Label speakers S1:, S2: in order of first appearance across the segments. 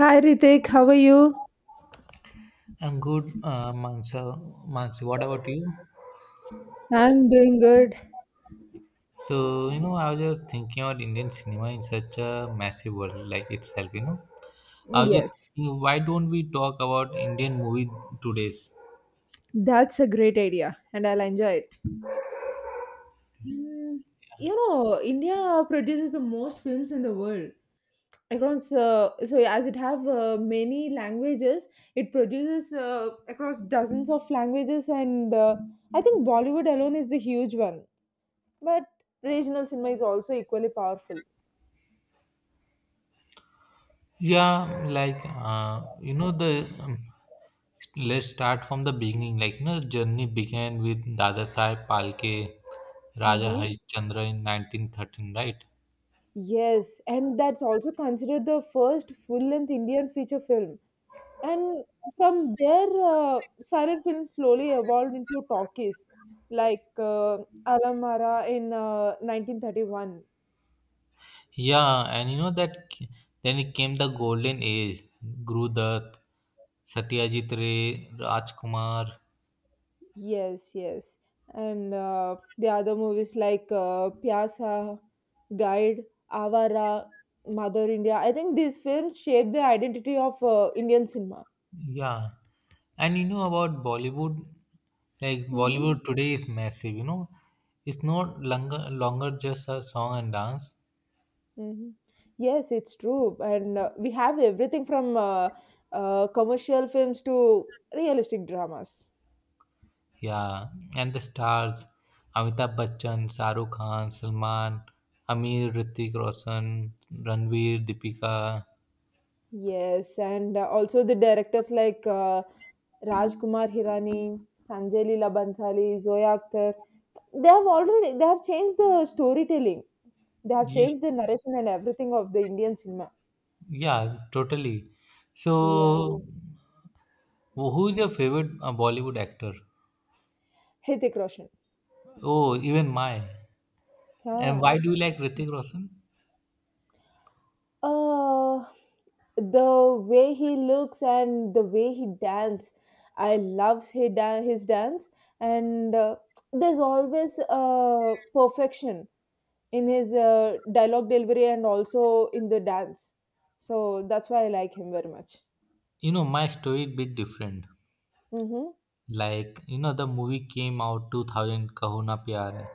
S1: Hi Ritik, how are you?
S2: I'm good, Mansa. Mansi, what about you?
S1: I'm doing good.
S2: So, I was just thinking about Indian cinema in such a massive world like itself. I was just
S1: Yes,
S2: thinking, why don't we talk about Indian movie today's?
S1: that's a great idea and I'll enjoy it. Mm, you know, India produces the most films in the world. Across, so as it have many languages, it produces across dozens of languages and I think Bollywood alone is the huge one. But regional cinema is also equally powerful.
S2: Yeah, like, you know, the let's start from the beginning. Like, the journey began with Dadasaheb Phalke, Raja
S1: Hmm.
S2: Harishchandra in 1913, right?
S1: Yes, and that's also considered the first full-length Indian feature film. And from there, silent film slowly evolved into talkies, like Alamara in 1931.
S2: Yeah, and then it came the golden age. Gurudat, Satyajit Ray, Rajkumar.
S1: Yes, yes. And the other movies like Pyasa, Guide, Avara, Mother India. I think these films shaped the identity of Indian cinema.
S2: Yeah. And you know about Bollywood, like
S1: Hmm.
S2: Bollywood today is massive. It's no longer just a song and dance.
S1: Hmm. Yes, it's true. And we have everything from commercial films to realistic dramas.
S2: Yeah. And the stars Amitabh Bachchan, Shahrukh Khan, Salman, Amir, Ritik Roshan, Ranveer, Deepika.
S1: Yes, and also the directors like Rajkumar Hirani, Sanjay Leela Bhansali, Zoya Akhtar, they have changed the storytelling. They have
S2: Yeah,
S1: changed the narration and everything of the Indian cinema.
S2: yeah, totally.
S1: Yeah,
S2: So who is your favorite Bollywood actor?
S1: Hrithik Roshan.
S2: Oh, even my. And
S1: Yeah.
S2: why do you like Hrithik Roshan?
S1: Uh, the way he looks and the way he dance, I love his dance. And there's always perfection in his dialogue delivery and also in the dance. So that's why I like him very much.
S2: My story a bit different.
S1: Mm-hmm.
S2: Like, the movie came out 2000, Kahuna Pyar Hai.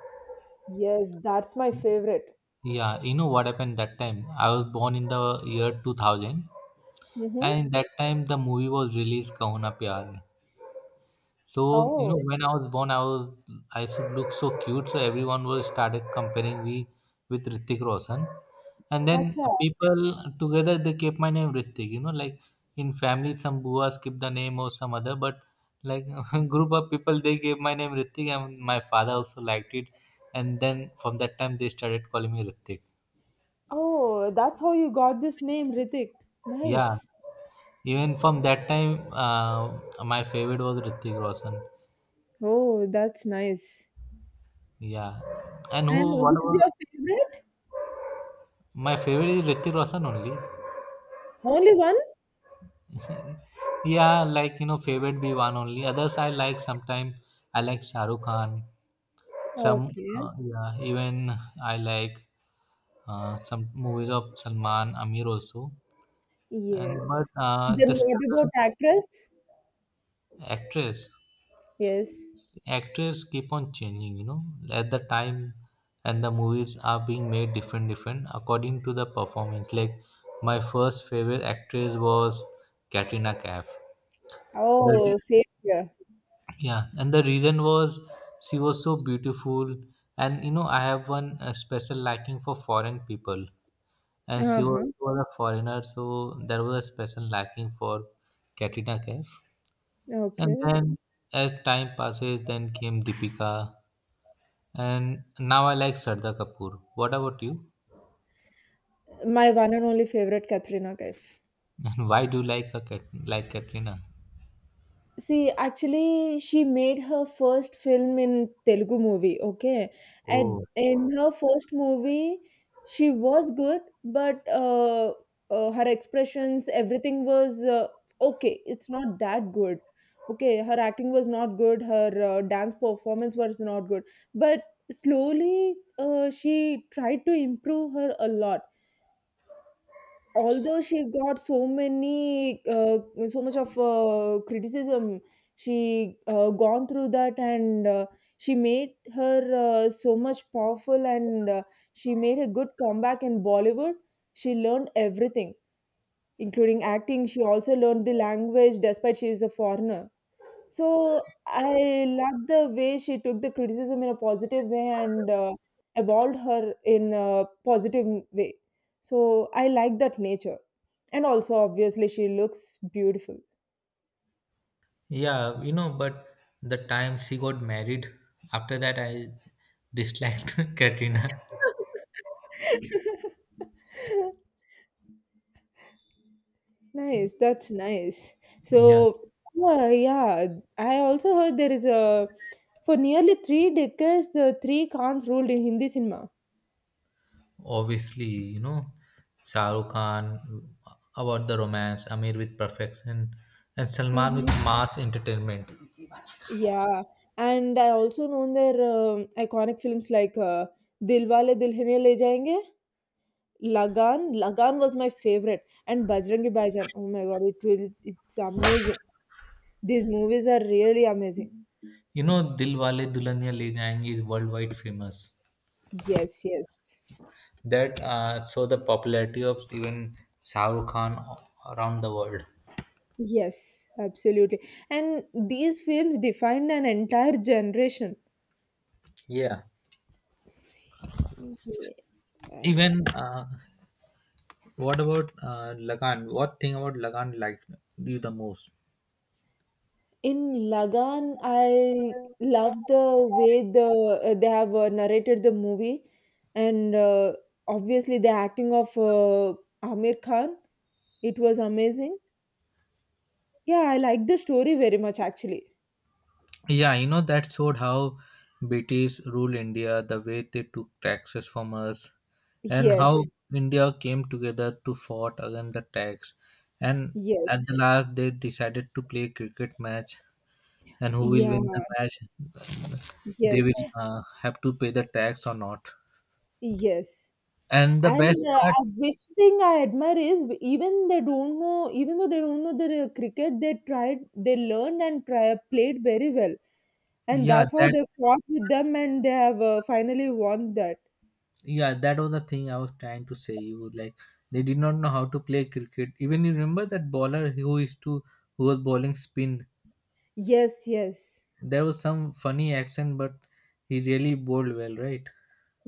S1: Yes, that's my favorite.
S2: Yeah, you know what happened that time? I was born in the year 2000,
S1: Mm-hmm.
S2: and that time the movie was released, Kahuna Pyar Hai. So
S1: Oh,
S2: when I was born, I used to look so cute. So everyone was started comparing me with Ritik Roshan, and then
S1: acha.
S2: people together they kept my name Ritik. Like in family, some buas keep the name or some other, but like group of people they gave my name Ritik, and my father also liked it, and then from that time they started calling me Ritik.
S1: Oh, that's how you got this name, Ritik.
S2: Yeah,
S1: Nice.
S2: even from that time, my favorite was Ritik Roshan.
S1: Oh, that's nice.
S2: Yeah, and
S1: And
S2: who, what,
S1: who's
S2: whatever.
S1: your favorite?
S2: My favorite is Ritik Roshan only.
S1: Only one?
S2: yeah, like favorite be one only. Others I like. Sometimes I like Shahrukh Khan. Some
S1: Okay.
S2: Yeah, even I like some movies of Salman, Amir also. And but
S1: Yes.
S2: the
S1: Then
S2: struggle
S1: what about actress?
S2: actress,
S1: Yes.
S2: actress keep on changing. At the time, and the movies are being made different, different according to the performance. Like my first favorite actress was Katrina Kaif. The
S1: Oh, same here.
S2: Yeah, and the reason was she was so beautiful, and you know I have one special liking for foreign people, and she was,
S1: Uh-huh.
S2: she was a foreigner, so there was a special liking for Katrina Kaif. And
S1: Okay.
S2: then as time passes, then came Deepika, and now I like Sharda Kapoor. What about you?
S1: My one and only favorite, Katrina Kaif.
S2: And why do you like Katrina?
S1: See, actually, she made her first film in Telugu movie, okay? And
S2: Oh,
S1: in her first movie, she was good, but her expressions, everything was okay. It's not that good. Okay, her acting was not good, her dance performance was not good. But slowly, she tried to improve her a lot although she got so many so much of criticism she gone through that and she made her so much powerful and she made a good comeback in Bollywood. She learned everything including acting. She also learned the language despite she is a foreigner. So I loved the way she took the criticism in a positive way and evolved her in a positive way. So I like that nature. And also, obviously, she looks beautiful.
S2: yeah, but the time she got married, after that I disliked Katrina.
S1: Nice, that's nice.
S2: Yeah.
S1: So, well, yeah, I also heard there is a for nearly three decades the three Khans ruled in Hindi cinema.
S2: Obviously you know Shah Rukh Khan, uh, about the romance, Amir with perfection, and Salman with
S1: Mhm.
S2: mass entertainment.
S1: Yeah, and I also known their iconic films like Dilwale Dulhaniya Le Jayenge, Lagan. Lagan was my favorite, and Bajrangi Bhaijaan. Oh my God, it's amazing. These movies are really amazing.
S2: You know Dilwale Wale Dulhaniya Le Jayenge is worldwide famous,
S1: Yes, yes,
S2: that show the popularity of even Shah Rukh Khan around the world.
S1: yes, absolutely. And these films defined an entire generation.
S2: Yeah,
S1: Yes.
S2: even what about Lagan? What thing about Lagan liked you the most?
S1: In Lagan, I love the way they have narrated the movie, and obviously the acting of Amir Khan, it was amazing. Yeah, I like the story very much actually.
S2: Yeah, that showed how British ruled India, the way they took taxes from us, and how
S1: Yes,
S2: India came together to fight against the tax. And at the
S1: yes,
S2: last, they decided to play cricket match, and who will
S1: yeah,
S2: win the match, they
S1: yes,
S2: will have to pay the tax or not.
S1: yes.
S2: And the best
S1: And
S2: part,
S1: which thing I admire is even though they don't know the cricket, they tried, they learned and try, played very well. And
S2: yeah,
S1: that's how
S2: that
S1: they fought with them and they have finally won that.
S2: yeah, that was the thing I was trying to say. You like, they did not know how to play cricket. Even you remember that bowler who is to who was bowling spin.
S1: Yes, yes.
S2: There was some funny accent, but he really bowled well, right?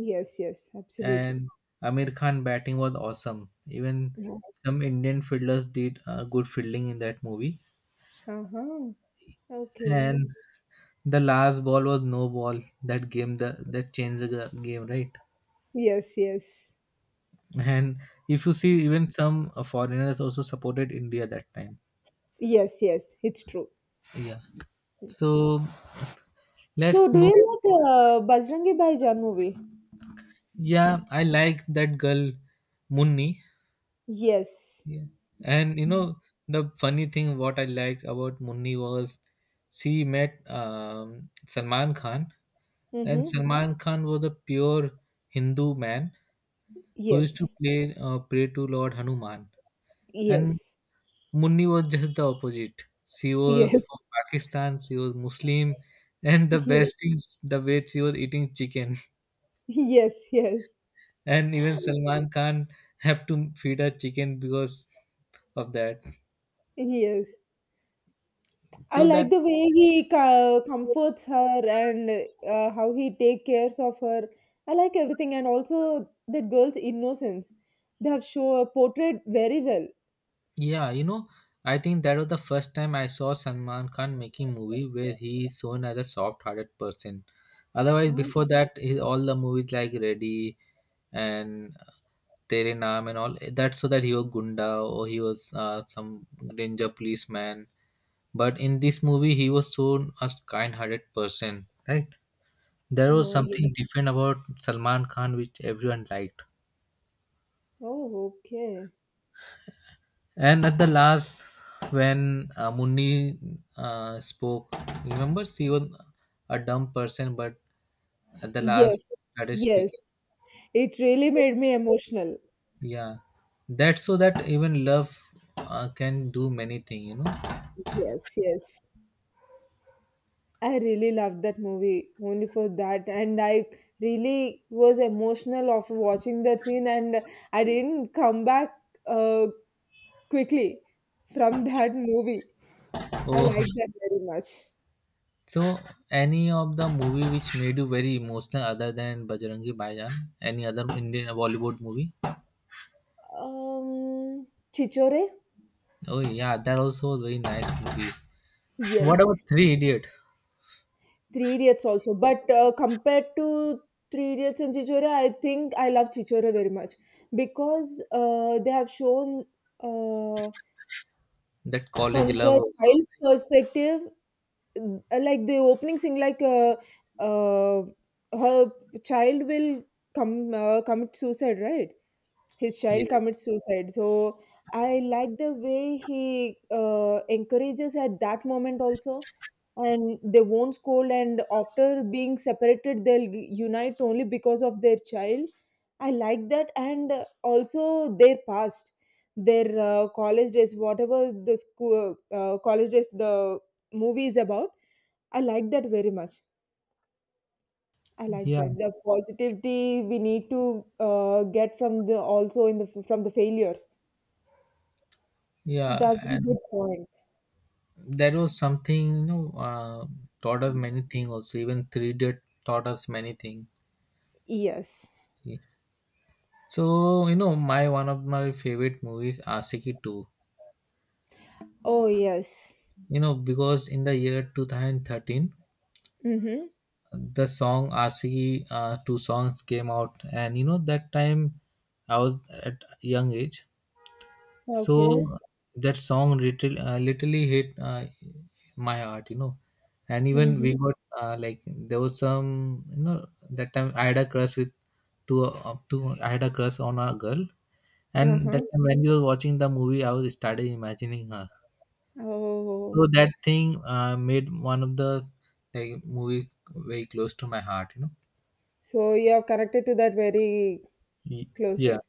S1: Yes, yes, absolutely.
S2: And Amir Khan batting was awesome. Even
S1: Yeah.
S2: some Indian fielders did good fielding in that movie.
S1: Uh-huh. Okay.
S2: And the last ball was no ball. That changed the game, right?
S1: Yes, yes.
S2: And if you see, even some foreigners also supported India that time.
S1: Yes, yes, it's true.
S2: Yeah. So
S1: So
S2: let's
S1: do
S2: move.
S1: you like Bajrangi Bhaijaan movie?
S2: Yeah, I like that girl, Munni.
S1: Yes.
S2: Yeah. And the funny thing what I liked about Munni was she met Salman Khan, and
S1: Mm-hmm.
S2: Salman Khan was a pure Hindu man who used to
S1: Yes,
S2: play pray to Lord Hanuman, and
S1: yes,
S2: Munni was just the opposite. She was
S1: yes.
S2: from Pakistan, she was Muslim, and the
S1: Yes,
S2: best is the way she was eating chicken,
S1: yes, yes,
S2: and even Salman Khan have to feed her chicken because of that.
S1: yes. I
S2: So that
S1: like the way comforts her and how he take cares of her. I like everything and also that girl's innocence. They have show portrayed very well.
S2: Yeah, I think that was the first time I saw Salman Khan making movie where he is shown as a soft-hearted person. Otherwise,
S1: What?
S2: before that, all the movies like Ready and Tere Naam and all that, so that he was gunda or he was some danger policeman. But in this movie, he was shown as kind-hearted person, right? There was
S1: Oh, yeah.
S2: something different about Salman Khan which everyone liked.
S1: Oh, okay.
S2: And at the last, when Munni spoke, remember she was a dumb person, but at the last
S1: Yes,
S2: that is speaking.
S1: yes. It really made me emotional.
S2: Yeah, that's so that even love can do many things.
S1: Yes, yes. I really loved that movie only for that, and I really was emotional of watching that scene, and I didn't come back. Uh, Quickly from that movie. I
S2: Oh,
S1: like that very much.
S2: so any of the movie which made you very emotional other than Bajrangi Bhaijaan? Any other Indian Bollywood movie?
S1: Um, Chichore?
S2: Oh yeah, that also was very nice movie. What
S1: Yes.
S2: about Three Idiot?
S1: Three Idiots also. But compared to Three Idiots and Chichore, I think I love Chichore very much because they have shown uh,
S2: That
S1: from
S2: college love
S1: the
S2: also.
S1: child's perspective, like the opening scene, like uh, her child will come commit suicide, right? His child
S2: Yeah.
S1: commits suicide. So I like the way he encourages at that moment also, and they won't scold, and after being separated they'll unite only because of their child. I like that. And also their past, their college days, whatever, the school college days the movie is about, I like that very much. I like
S2: Yeah.
S1: that the positivity we need to get from the also in the from the failures.
S2: Yeah,
S1: That's a
S2: and
S1: good point.
S2: that was something, taught us many things also. Even 3D taught us many things.
S1: Yes.
S2: So, you know, my one of my favorite movies, Asiki 2.
S1: Oh, yes.
S2: Because in the year 2013,
S1: Mm-hmm.
S2: the song Asiki, two songs came out. And, that time I was at young age. So
S1: Okay.
S2: that song literally hit my heart. And even we
S1: Mm-hmm.
S2: got like there was some, that time I had a crush on a girl, and that
S1: Uh-huh.
S2: time when we were watching the movie, I was started imagining her.
S1: Oh,
S2: So that thing made one of the like movie very close to my heart.
S1: so you have connected to that very
S2: Y- Yeah.
S1: closely.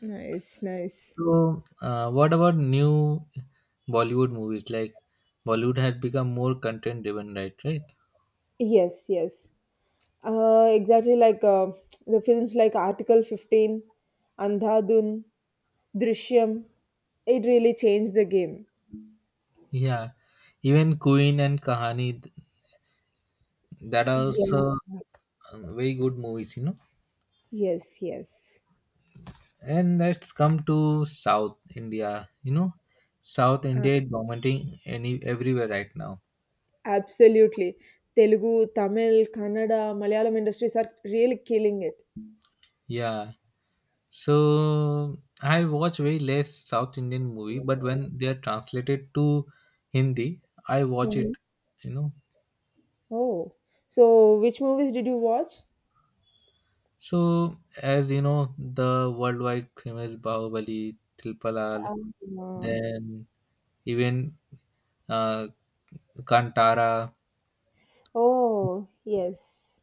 S1: Nice, nice.
S2: So, what about new Bollywood movies? Like Bollywood had become more content driven, right? Right.
S1: Yes, yes. Exactly like the films like Article 15, Andhadun, Drishyam. It really changed the game.
S2: Yeah, even Queen and Kahani, that are
S1: Yeah.
S2: also very good movies.
S1: Yes, yes.
S2: And let's come to South India. South India is dominating any everywhere right now.
S1: Absolutely. Telugu, Tamil, Kannada, Malayalam industries are really killing it.
S2: Yeah. So I watch very less South Indian movie, but when they are translated to Hindi, I watch it,
S1: Mhm.
S2: you know.
S1: Oh, so which movies did you watch?
S2: So, as you know, the worldwide famous Bahubali, Triple R,
S1: Um, uh,
S2: then even uh, Kantara,
S1: oh, yes.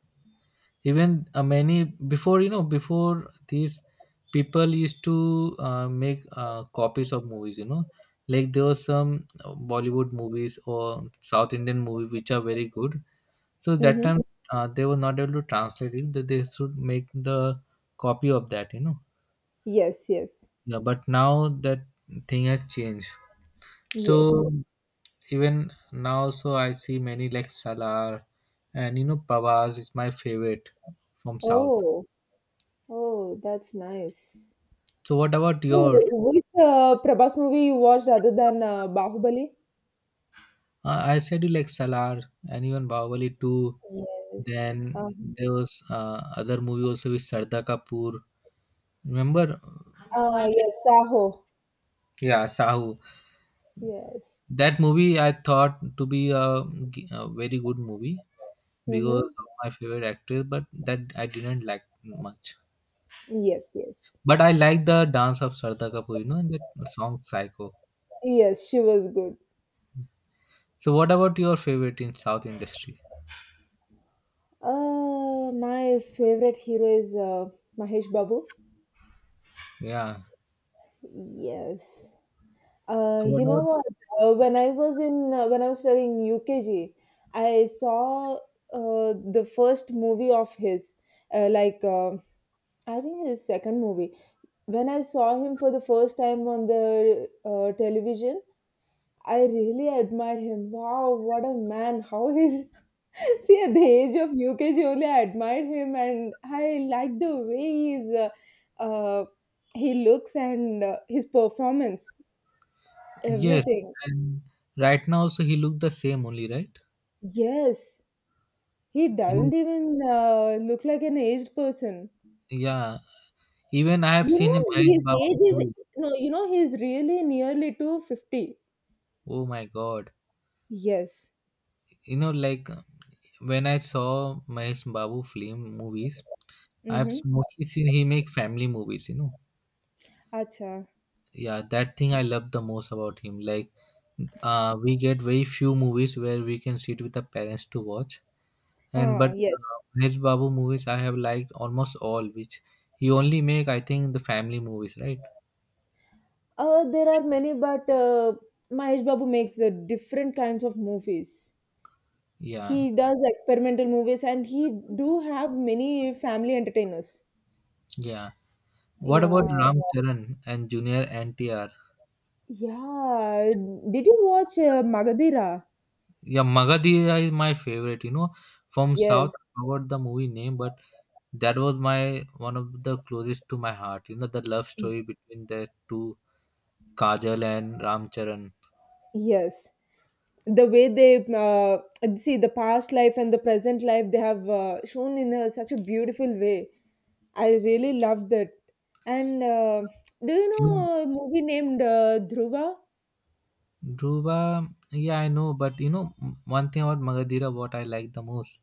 S2: even many before before these people used to make copies of movies. Like there were some Bollywood movies or South Indian movie which are very good. So that
S1: Mm-hmm.
S2: time they were not able to translate it. That they should make the copy of that.
S1: Yes, yes,
S2: Yeah, but now that thing has changed. So
S1: yes.
S2: even now, so I see many like Salar, and Pavas is my favorite from South.
S1: Oh, oh, that's nice.
S2: So what about
S1: So,
S2: your?
S1: which Prabhas movie you watched other than Bahubali?
S2: I said you like Salar and even Bahubali 2.
S1: Yes.
S2: Then there was other movie also with Sardar Kapoor. Remember?
S1: Yes, Saho.
S2: Yeah, Sahu.
S1: Yes.
S2: That movie I thought to be a very good movie because
S1: Mm-hmm.
S2: of my favorite actor, but that I didn't like much.
S1: Yes, yes.
S2: But I like the dance of Sardar Kapoor, and that song Psycho.
S1: Yes, she was good.
S2: So, what about your favorite in South industry?
S1: My favorite hero is Mahesh Babu.
S2: Yeah.
S1: Yes.
S2: What
S1: You know
S2: about
S1: what? When I was studying UKG, I saw the first movie of his, uh, like uh, I think his second movie. When I saw him for the first time on the television, I really admired him. Wow, what a man! How is See, at the age of UKG only, I admired him, and I liked the way uh, he looks and his performance,
S2: yes?
S1: everything.
S2: And right now, also he look the same only, right?
S1: Yes, he
S2: He,
S1: doesn't even look like an aged person.
S2: yeah. Even I have
S1: You
S2: seen him
S1: know,
S2: Mahesh
S1: his
S2: Babu
S1: age is
S2: movies.
S1: no. You know, he's really nearly to 50.
S2: Oh my God!
S1: Yes.
S2: Like when I saw Mahesh Babu film movies, I've
S1: Mm-hmm.
S2: mostly seen he make family movies.
S1: Acha.
S2: Yeah, that thing I love the most about him. Like, we get very few movies where we can sit with the parents to watch. And
S1: Ah,
S2: but
S1: yes.
S2: Mahesh Babu movies I have liked almost all, which he only make I think the family movies, right?
S1: There are many, but Mahesh Babu makes the different kinds of movies.
S2: Yeah,
S1: He does experimental movies and he do have many family entertainers.
S2: yeah. What about
S1: Yeah.
S2: Ram Charan and Junior NTR?
S1: Yeah. Did you watch Magadira?
S2: Yeah, Magadira is my favorite. From South,
S1: Yes.
S2: I forgot the movie name, but that was my one of the closest to my heart. The love story between the two Kajal and Ram Charan.
S1: Yes. The way they see the past life and the present life they have shown in a, such a beautiful way. I really loved that. And do you
S2: In
S1: know a movie named Dhruva?
S2: Dhruva, yeah, I know, but one thing about Magadira, what I like the most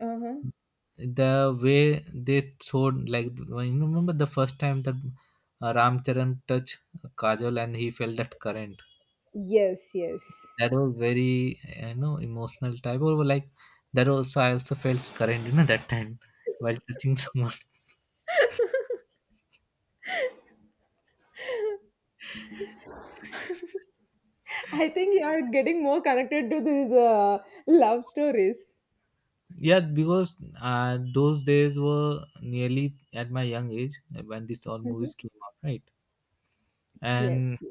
S1: Uh-huh.
S2: the way they showed like when you remember the first time that Ram Charan touched Kajol and he felt that current,
S1: Yes, yes.
S2: that was very emotional type or like that also I also felt current that time while touching someone.
S1: I think you are getting more connected to these love stories.
S2: Yeah, because those days were nearly at my young age when these all
S1: Mhm.
S2: movies came out, right? And
S1: Yes.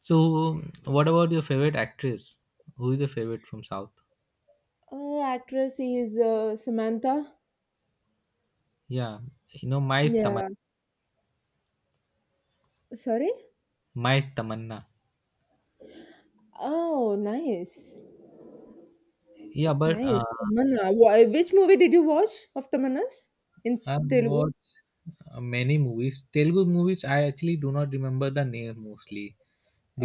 S2: so what about your favorite actress? Who is your favorite from South?
S1: Oh, actress is Samantha.
S2: Yeah, my Tamanna.
S1: Yeah. Sorry?
S2: My Tamanna.
S1: Oh, nice.
S2: Yeah, but
S1: Nice. Tamanna. Which movie did you watch of Tamanna's in
S2: I've
S1: Telugu?
S2: watched many movies. Telugu movies, I actually do not remember the name mostly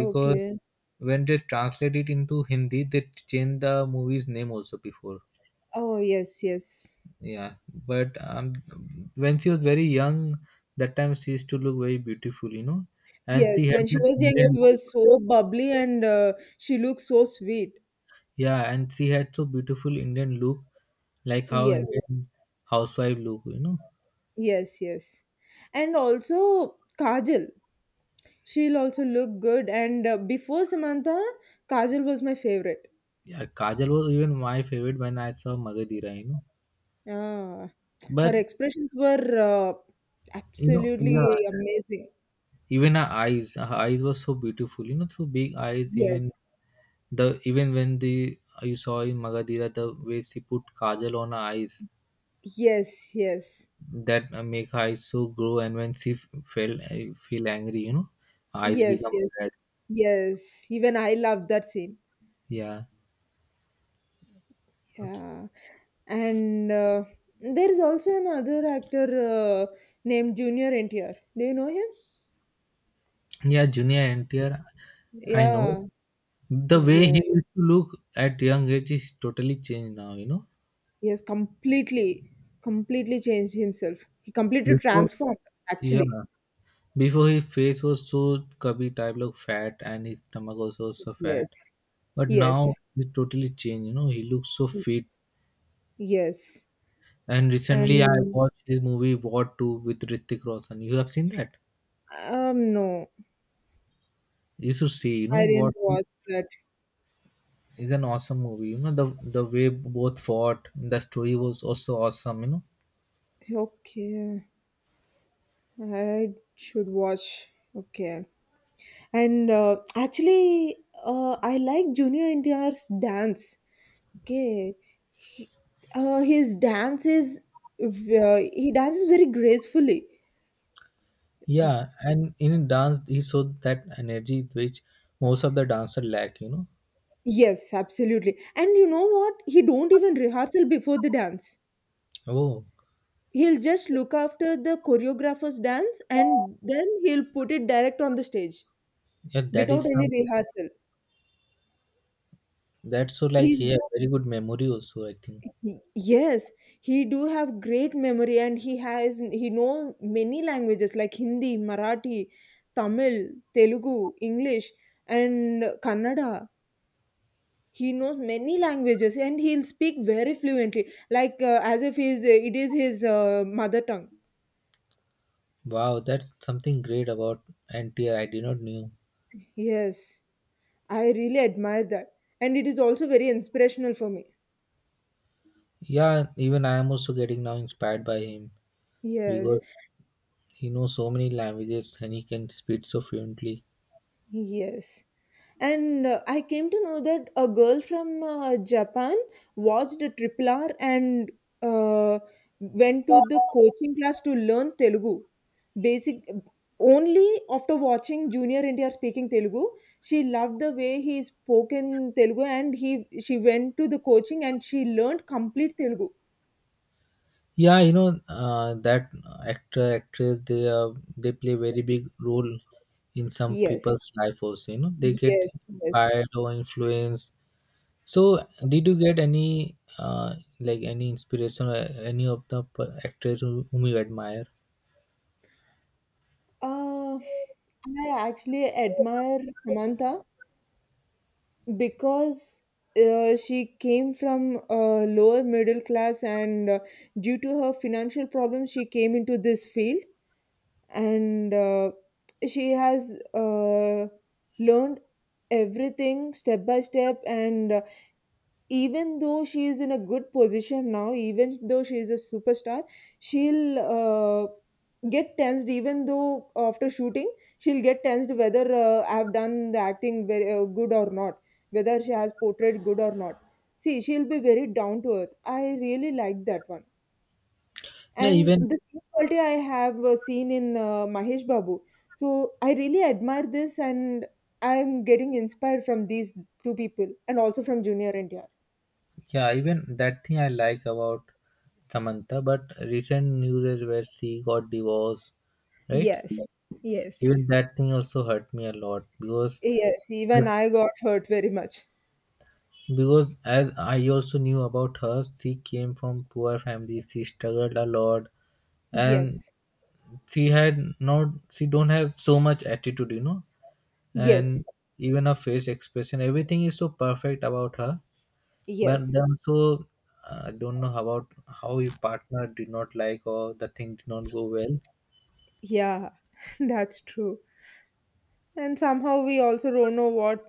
S2: because when they translate it into Hindi, they change the movie's name also before.
S1: Oh, yes, yes.
S2: Yeah, but when she was very young, that time she used to look very beautiful, you know, and she
S1: Yes,
S2: had
S1: when she
S2: that
S1: was young,
S2: Indian
S1: she
S2: look.
S1: was so bubbly and she looked so sweet.
S2: Yeah, and she had so beautiful Indian look, like how
S1: Yes,
S2: Indian housewife look, you know.
S1: yes, yes. And also Kajal. She'll also look good. And before Samantha, Kajal was my favorite.
S2: Yeah, Kajal was even my favorite when I saw Magadira, you know.
S1: Ah, her
S2: But
S1: expressions were
S2: you know, yeah,
S1: absolutely amazing.
S2: even her eyes, her eyes were so beautiful, you know, so big eyes, even
S1: Yes,
S2: the even when the you saw in Magadira the way she put kajal on her eyes,
S1: yes, yes,
S2: that make her eyes so grow, and when she felt I feel angry, you know, her eyes
S1: yes,
S2: become
S1: yes,
S2: red.
S1: yes. Even I love that scene.
S2: Yeah,
S1: Yeah, and there is also another actor uh, named Junior NTR. Do you know him?
S2: yeah, junior NTR, I know,
S1: Yeah.
S2: the way he
S1: Yes.
S2: used to look at young age is totally changed now, you know.
S1: He has completely, completely changed himself. He completely
S2: before
S1: transformed, actually.
S2: yeah before his face was so chubby type like fat, and his stomach also so fat.
S1: Yes.
S2: But now
S1: Yes.
S2: he totally changed, you know, he looks so fit.
S1: Yes.
S2: And recently I
S1: And
S2: watched his movie What 2 with Ritik Roshan. You have seen that?
S1: um, no,
S2: You should see, you know,
S1: I didn't
S2: What 2
S1: watch that.
S2: is an awesome movie. You know, the way both fought, the story was also awesome, you know.
S1: Okay. I should watch. Okay. And actually I like Junior India's dance. Okay. He, his dance is he dances very gracefully.
S2: Yeah, and in dance he showed that energy which most of the dancer lack, you know.
S1: Yes, absolutely. And you know what? He don't even rehearsal before the dance.
S2: Oh,
S1: He'll just look after the choreographer's dance and then he'll put it direct on the stage
S2: yeah, that
S1: without
S2: is
S1: any
S2: some
S1: rehearsal.
S2: that's so like
S1: He's
S2: he had very good memory also, I think.
S1: yes, he do have great memory and he know many languages like Hindi, Marathi, Tamil, Telugu, English and Kannada. He knows many languages and he'll speak very fluently, like as if he's, it is his mother tongue.
S2: Wow, that's something great about NTR. I did not knew.
S1: Yes, I really admire that. And it is also very inspirational for me.
S2: Yeah, even I am also getting now inspired by him
S1: Yes,
S2: because he knows so many languages and he can speak so fluently.
S1: yes. And I came to know that a girl from Japan watched a triple R and uh, went to the coaching class to learn Telugu. Basic only after watching Junior India speaking Telugu, she loved the way he spoke in Telugu, and he she went to the coaching and she learned complete Telugu.
S2: Yeah, you know, that actor actress, they play very big role in some
S1: Yes,
S2: people's life also. You know, they get
S1: yes, yes.
S2: inspired or influenced. So did you get any, like any inspiration or any of the actors whom you admire?
S1: Uh, I actually admire Samantha because she came from lower middle class, and due to her financial problems, she came into this field, and she has learned everything step by step, and even though she is in a good position now, even though she is a superstar, she'll get tensed. Even though after shooting, she'll get tensed whether I have done the acting very good or not, whether she has portrayed good or not. See, she'll be very down to earth. I really like that one,
S2: Yeah,
S1: and
S2: even.
S1: the same quality I have seen in Mahesh Babu. So I really admire this, and I'm getting inspired from these two people, and also from Junior India.
S2: Yeah, even that thing I like about Samantha, but recent news is where she got divorced, right?
S1: Yes.
S2: Even
S1: Yes.
S2: that thing also hurt me a lot, because
S1: Yes, even I got hurt very much.
S2: as I also knew about her, she came from poor family, she struggled a lot, and
S1: Yes.
S2: she had not she don't have so much attitude, you know,
S1: Yes.
S2: and even her face expression, everything is so perfect about her. But
S1: Yes.
S2: then also, I don't know about how your partner did not like or the thing did not go well.
S1: Yeah. That's true. And somehow we also don't know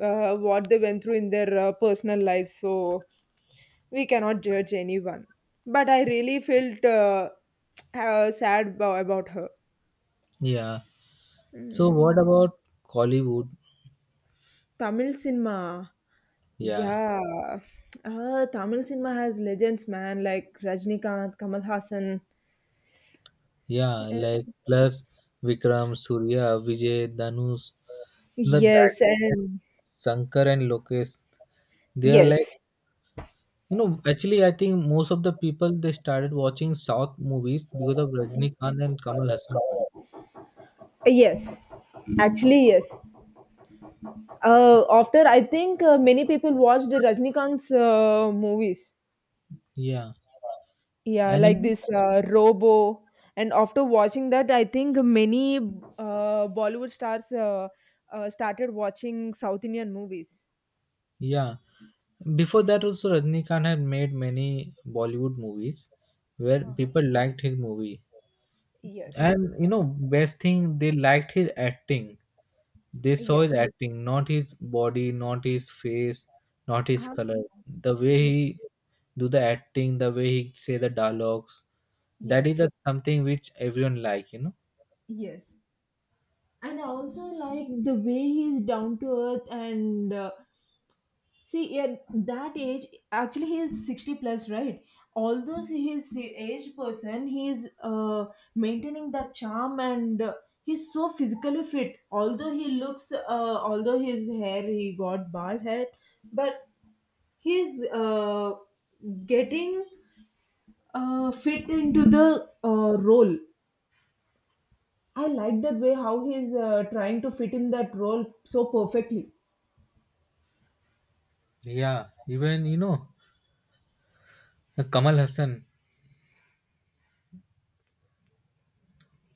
S1: what they went through in their personal lives, so we cannot judge anyone. But I really felt sad about her.
S2: Yeah. So what
S1: Mm.
S2: about Kollywood?
S1: Tamil cinema.
S2: Yeah.
S1: Yeah. Tamil cinema has legends, man, like Rajnikanth, Kamal Hassan.
S2: Yeah. Like plus Vikram, Surya, Vijay, Dhanush, the that
S1: Yes,
S2: that
S1: and
S2: Shankar and Lokesh. They are like,
S1: yes,
S2: you know. Actually, I think most of the people, they started watching South movies because of Rajnikanth and Kamal Hassan.
S1: yes, actually, yes. After I think many people watched Rajnikant's movies,
S2: Yeah.
S1: yeah,
S2: And you
S1: like
S2: know.
S1: this Robo. And after watching that, I think many Bollywood stars started watching South Indian movies.
S2: Yeah. Before that also Rajnikant had made many Bollywood movies where
S1: Uh-huh.
S2: people liked his movie.
S1: Yes,
S2: And you know, best thing they liked his acting. They saw his
S1: yes,
S2: acting, not his body, not his face, not his
S1: Uh,
S2: color. The way
S1: ye-
S2: he do the acting, the way he say the dialogues, that is
S1: yes,
S2: a, something which everyone like, you know.
S1: yes. And I also like the way he's down to earth and see, at that age, actually, he is 60 plus, right? Although he is a aged person, he is maintaining that charm and he's so physically fit. Although he looks, although his hair, he got bald hair, but he's getting fit into the role. I like that way how he's trying to fit in that role so perfectly.
S2: Yeah, even you know Kamal Hassan,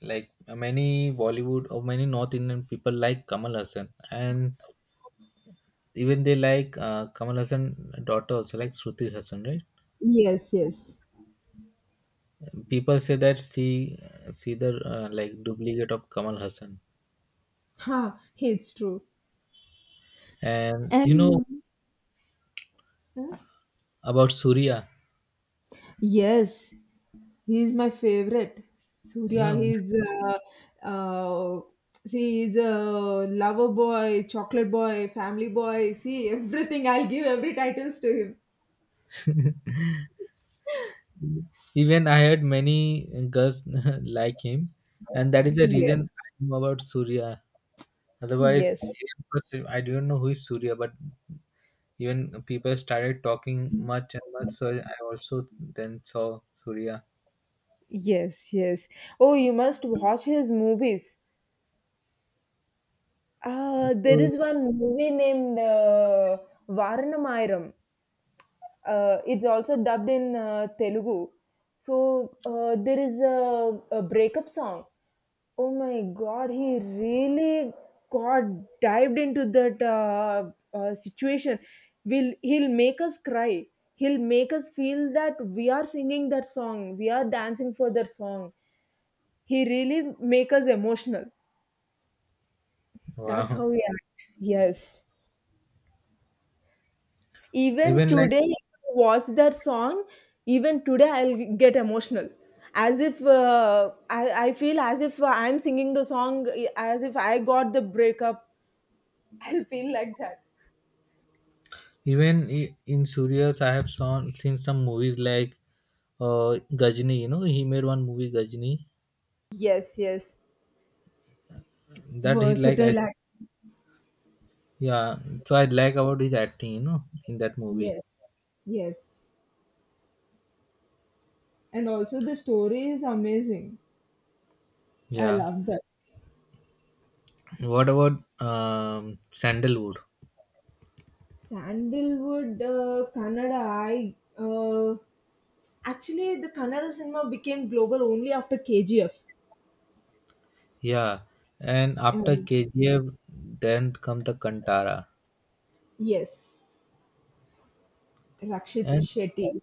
S2: like many Bollywood or many North Indian people like Kamal Hassan, and even they like Kamal Hassan daughter also, like Shruti Hassan, right?
S1: Yes, yes.
S2: People say that she the, like duplicate of Kamal Hassan,
S1: Ha, it's true.
S2: and you know
S1: And Hmm?
S2: about Surya,
S1: Yes, he is my favorite.
S2: you
S1: Surya,
S2: know,
S1: he's see, he's a lover boy, chocolate boy, family boy. See, everything. I'll give every titles to him.
S2: even I had many girls like him, and that is the
S1: Yes,
S2: reason I know about Surya. Otherwise,
S1: yes,
S2: at first I didn't know who is Surya, but. Even people started talking much and much. So I also then saw Surya.
S1: yes, yes. Oh, you must watch his movies. There
S2: So
S1: is one movie named Varanamayiram. It's also dubbed in Telugu. So there is a breakup song. Oh my God, he really got dived into that situation. Will he'll make us cry? He'll make us feel that we are singing that song, we are dancing for that song. He really make us emotional. That's
S2: wow.
S1: how we act. Yes. Even
S2: Even like
S1: today, if I watch that song, even today I'll get emotional. As if I feel as if I'm singing the song, eh, as if I got the breakup. I'll feel like that.
S2: even in Surya's, I have saw seen some movies like Gajni. You know, he made one movie Gajni
S1: Yes, yes.
S2: that he like. I,
S1: Versatile act.
S2: yeah. So I like about his acting. You know, in that movie.
S1: Yes. Yes. And also the story is amazing. I
S2: Yeah.
S1: love that.
S2: What about Sandalwood?
S1: Sandalwood, Kannada, I. Uh, Actually, the Kannada cinema became global only after KGF.
S2: Yeah. And after KGF, then come the Kantara.
S1: Yes, Rakshit
S2: And
S1: Shetty.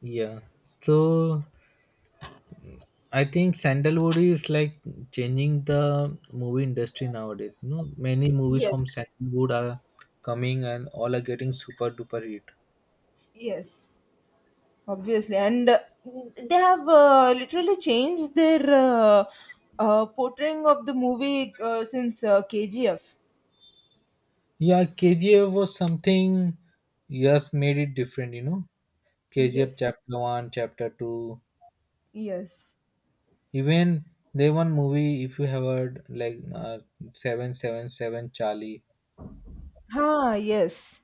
S2: yeah. So I think sandalwood is like changing the movie industry nowadays. You know, many movies
S1: Yes,
S2: from sandalwood are coming and all are getting super duper hit.
S1: yes, obviously, and they have literally changed their portraying of the movie since KGF.
S2: Yeah, KGF was something, yes, made it different, you know. KGF
S1: Yes,
S2: chapter one, chapter two.
S1: yes,
S2: Even they one movie if you have heard like, seven seven seven Charlie.
S1: ha, yes,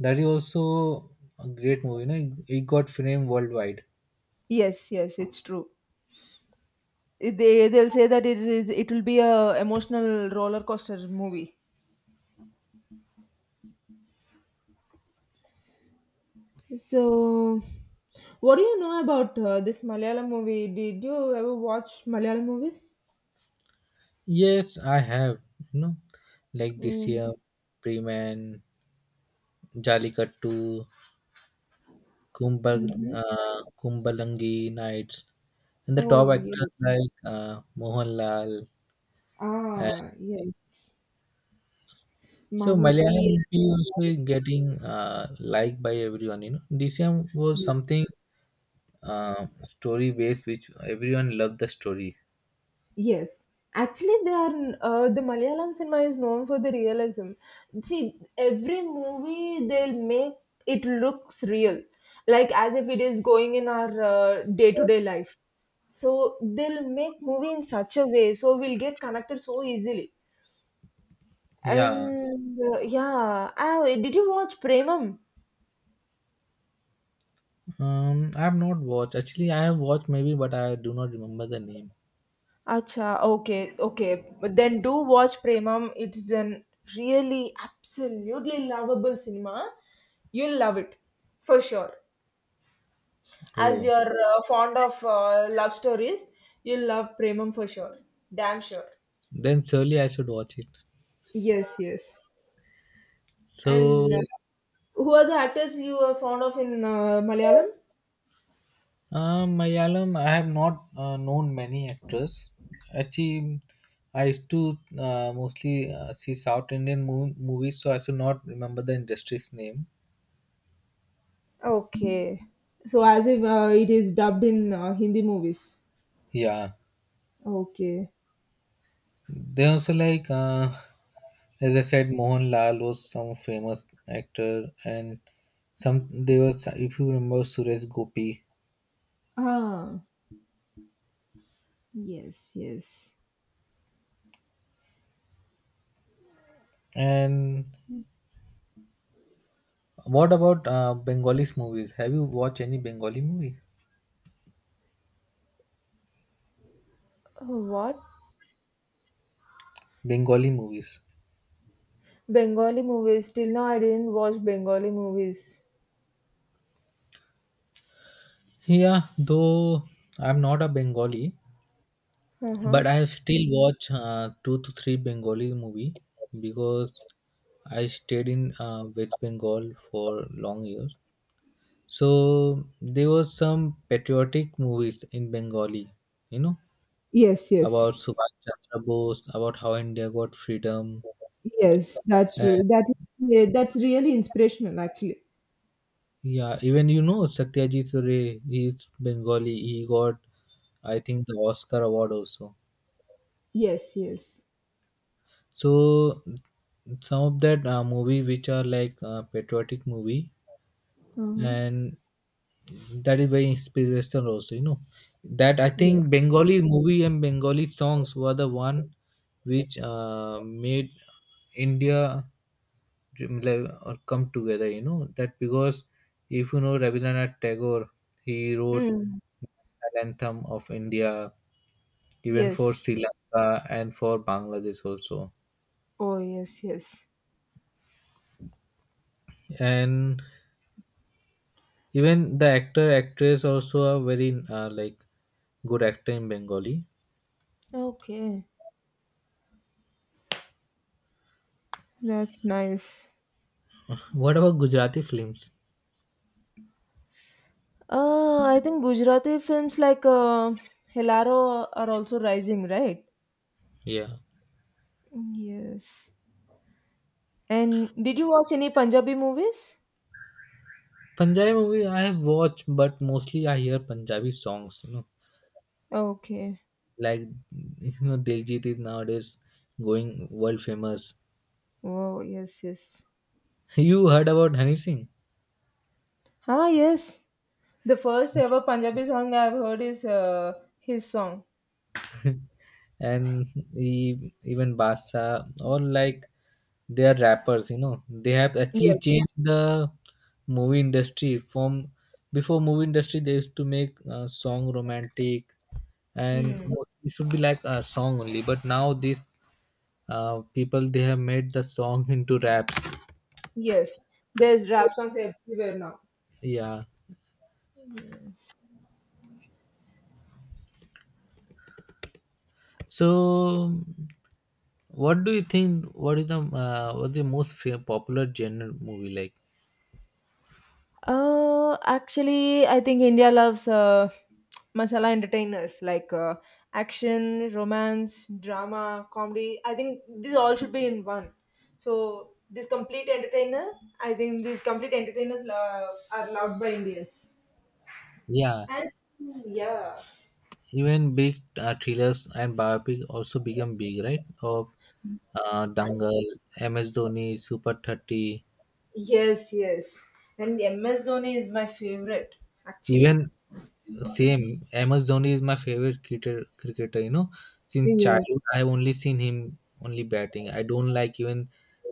S2: That is also a great movie, you know. It got framed worldwide.
S1: yes, yes. It's true. They'll say that it will be a emotional roller coaster movie. So, what do you know about this Malayalam movie? Did you ever watch Malayalam movies?
S2: Yes, I have. You know, like this
S1: Mm.
S2: year, Freeman, Jallikattu,
S1: Hmm. Yeah.
S2: Kumbalangi Nights, and the top
S1: Oh, yeah.
S2: actors like, Mohanlal. And
S1: Ah, yes.
S2: so Malayalam
S1: Mammootty.
S2: movie also
S1: And
S2: is getting liked by everyone. You know, this year was something, story based, which everyone loved the story.
S1: yes. Actually, they are the Malayalam cinema is known for the realism. See, every movie they'll make it looks real, like as if it is going in our day-to-day life. So they'll make movie in such a way so we'll get connected so easily.
S2: Yeah,
S1: And yeah, ah, did you watch Premam?
S2: I have not watched. Actually, I have watched maybe, but I do not remember the name.
S1: Acha, okay, okay. But then do watch Premam. It is an really absolutely lovable cinema. You'll love it for sure. As
S2: Oh,
S1: you're fond of love stories, you'll love Premam for sure. Damn sure.
S2: then surely I should watch it.
S1: Yes, yes. And
S2: So,
S1: who are the actors you are fond of in Malayalam?
S2: Malayalam, I have not, known many actors. Actually, I used to, mostly see South Indian movies, so I should not remember the industry's name.
S1: Okay. So as if it is dubbed in Hindi movies.
S2: Yeah,
S1: Okay.
S2: they also like, as I said, Mohanlal was some famous actor, and some they were. If you remember Suresh Gopi.
S1: Ah, yes, yes.
S2: And what about Bengalis movies? Have you watched any Bengali movie?
S1: What?
S2: Bengali movies.
S1: Bengali movies. Till now, I didn't watch Bengali movies.
S2: Yeah, though I'm not a Bengali,
S1: Uh-huh.
S2: but I still watch two to three Bengali movie because I stayed in West Bengal for long years. So there was some patriotic movies in Bengali, you know,
S1: Yes, yes,
S2: about Subhash Chandra Bose, about how India got freedom.
S1: yes. That's
S2: Uh,
S1: true. That Yeah, that's really inspirational, actually.
S2: yeah, even you know Satyajit Ray, he's Bengali. He got, I think, the Oscar award also.
S1: Yes, yes,
S2: So some of that movie which are like, patriotic movie,
S1: uh-huh,
S2: and that is very inspirational also, you know, that I
S1: yes.
S2: think Bengali movie and Bengali songs were the one which, made India like, come together, you know that, because if you know Rabindranath Tagore, he wrote
S1: Mm.
S2: national anthem of India, even for
S1: Yes.
S2: Sri Lanka and for Bangladesh also.
S1: Oh, yes, yes.
S2: And even the actor actress also are very, like good actor in Bengali.
S1: Okay. That's nice.
S2: What about Gujarati films?
S1: I think Gujarati films like Helaro are also rising, right?
S2: Yeah.
S1: Yes. And did you watch any Punjabi movies?
S2: Punjabi movie I have watched, but mostly I hear Punjabi songs, you know.
S1: Okay.
S2: Like, you know, Diljit is nowadays going world famous.
S1: Wow. Yes, yes.
S2: You heard about Honey Singh?
S1: Ah, yes. The first ever Punjabi song I've heard is his song.
S2: And even Basa, all like their rappers, you know, they have actually
S1: Yes.
S2: changed the movie industry from before. Movie industry they used to make, song romantic, and
S1: Mm.
S2: it should be like a song only, but now these, people, they have made the song into raps.
S1: Yes. There's rap songs everywhere now.
S2: Yeah.
S1: Yes.
S2: So what do you think, what is the, what is the most popular genre movie like?
S1: Actually, I think India loves masala entertainers like action, romance, drama, comedy. I think these all should be in one. So this complete entertainer, I think these complete entertainers are loved by Indians.
S2: Yeah.
S1: And yeah,
S2: Even big, thrillers and biopic also become big, right? Of,
S1: I
S2: Dangal, MS Dhoni, Super 30.
S1: yes, yes. And MS Dhoni is my favorite,
S2: Even
S1: actually.
S2: same, MS Dhoni is my favorite cricketer, you know. Since
S1: Yes.
S2: childhood, I've only seen him only batting. I don't like even,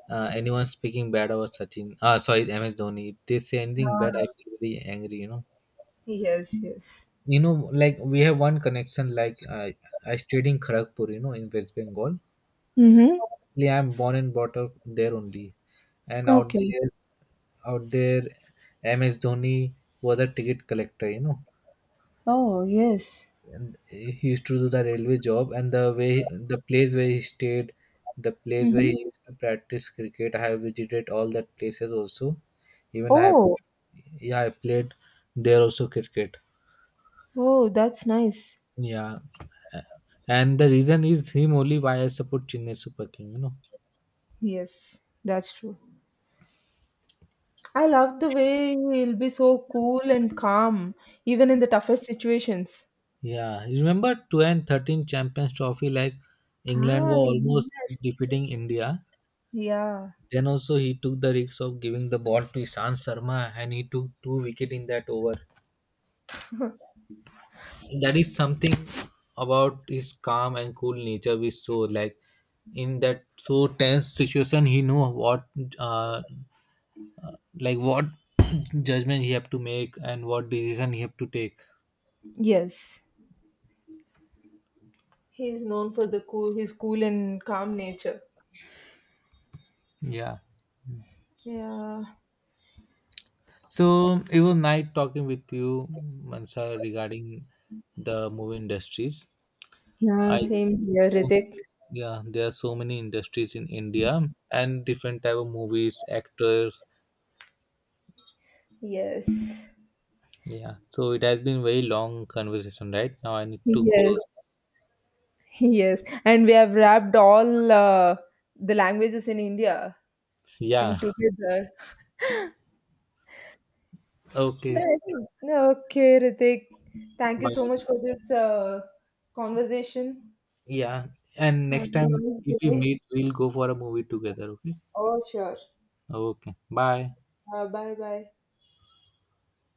S2: anyone speaking bad about Sachin. Ah, sorry, MS Dhoni. If they say anything bad, I feel very angry, you know.
S1: Yes, yes.
S2: You know, like we have one connection, like, I studied in Kharagpur, you know, in West Bengal.
S1: Mm-hmm.
S2: Actually, I'm born and brought up there only, and
S1: Okay.
S2: out there, MS Dhoni was a ticket collector. You know,
S1: Oh, yes.
S2: and he used to do the railway job, and the way the place where he stayed, the place where
S1: Mm-hmm.
S2: he used to practice cricket. I have visited all that places also. Even I,
S1: Oh,
S2: yeah, I played there also cricket.
S1: oh, that's nice.
S2: Yeah, and the reason is him only why I support Chennai Super King. You know.
S1: Yes. That's true. I love the way he'll be so cool and calm, even in the toughest situations.
S2: Yeah, you remember 2013 Champions Trophy, like England were
S1: Ah,
S2: almost
S1: yes.
S2: defeating India.
S1: Yeah.
S2: Then also he took the risk of giving the ball to Ishan Sharma, and he took two wicket in that over. That is something about his calm and cool nature. We saw like in that so tense situation, he knew what, uh, uh, like what judgment he have to make and what decision he have to take.
S1: Yes. He is known for his cool and calm nature.
S2: Yeah.
S1: Yeah.
S2: So it was nice talking with you, Mansa, regarding the movie industries.
S1: Yeah,
S2: I,
S1: same here, Ritik.
S2: yeah, there are so many industries in India and different type of movies, actors.
S1: Yes,
S2: Yeah, so it has been very long conversation, right? Now I need to go.
S1: yes, yes. And we have wrapped all the languages in India in
S2: Yeah,
S1: together.
S2: okay,
S1: Man, okay, Ritik. Thank you so
S2: bye.
S1: much for this conversation.
S2: Yeah, and
S1: Have
S2: next
S1: a
S2: time
S1: nice
S2: if we
S1: day.
S2: meet, we'll go for a movie together. Okay,
S1: Oh, sure.
S2: okay, bye.
S1: Bye bye.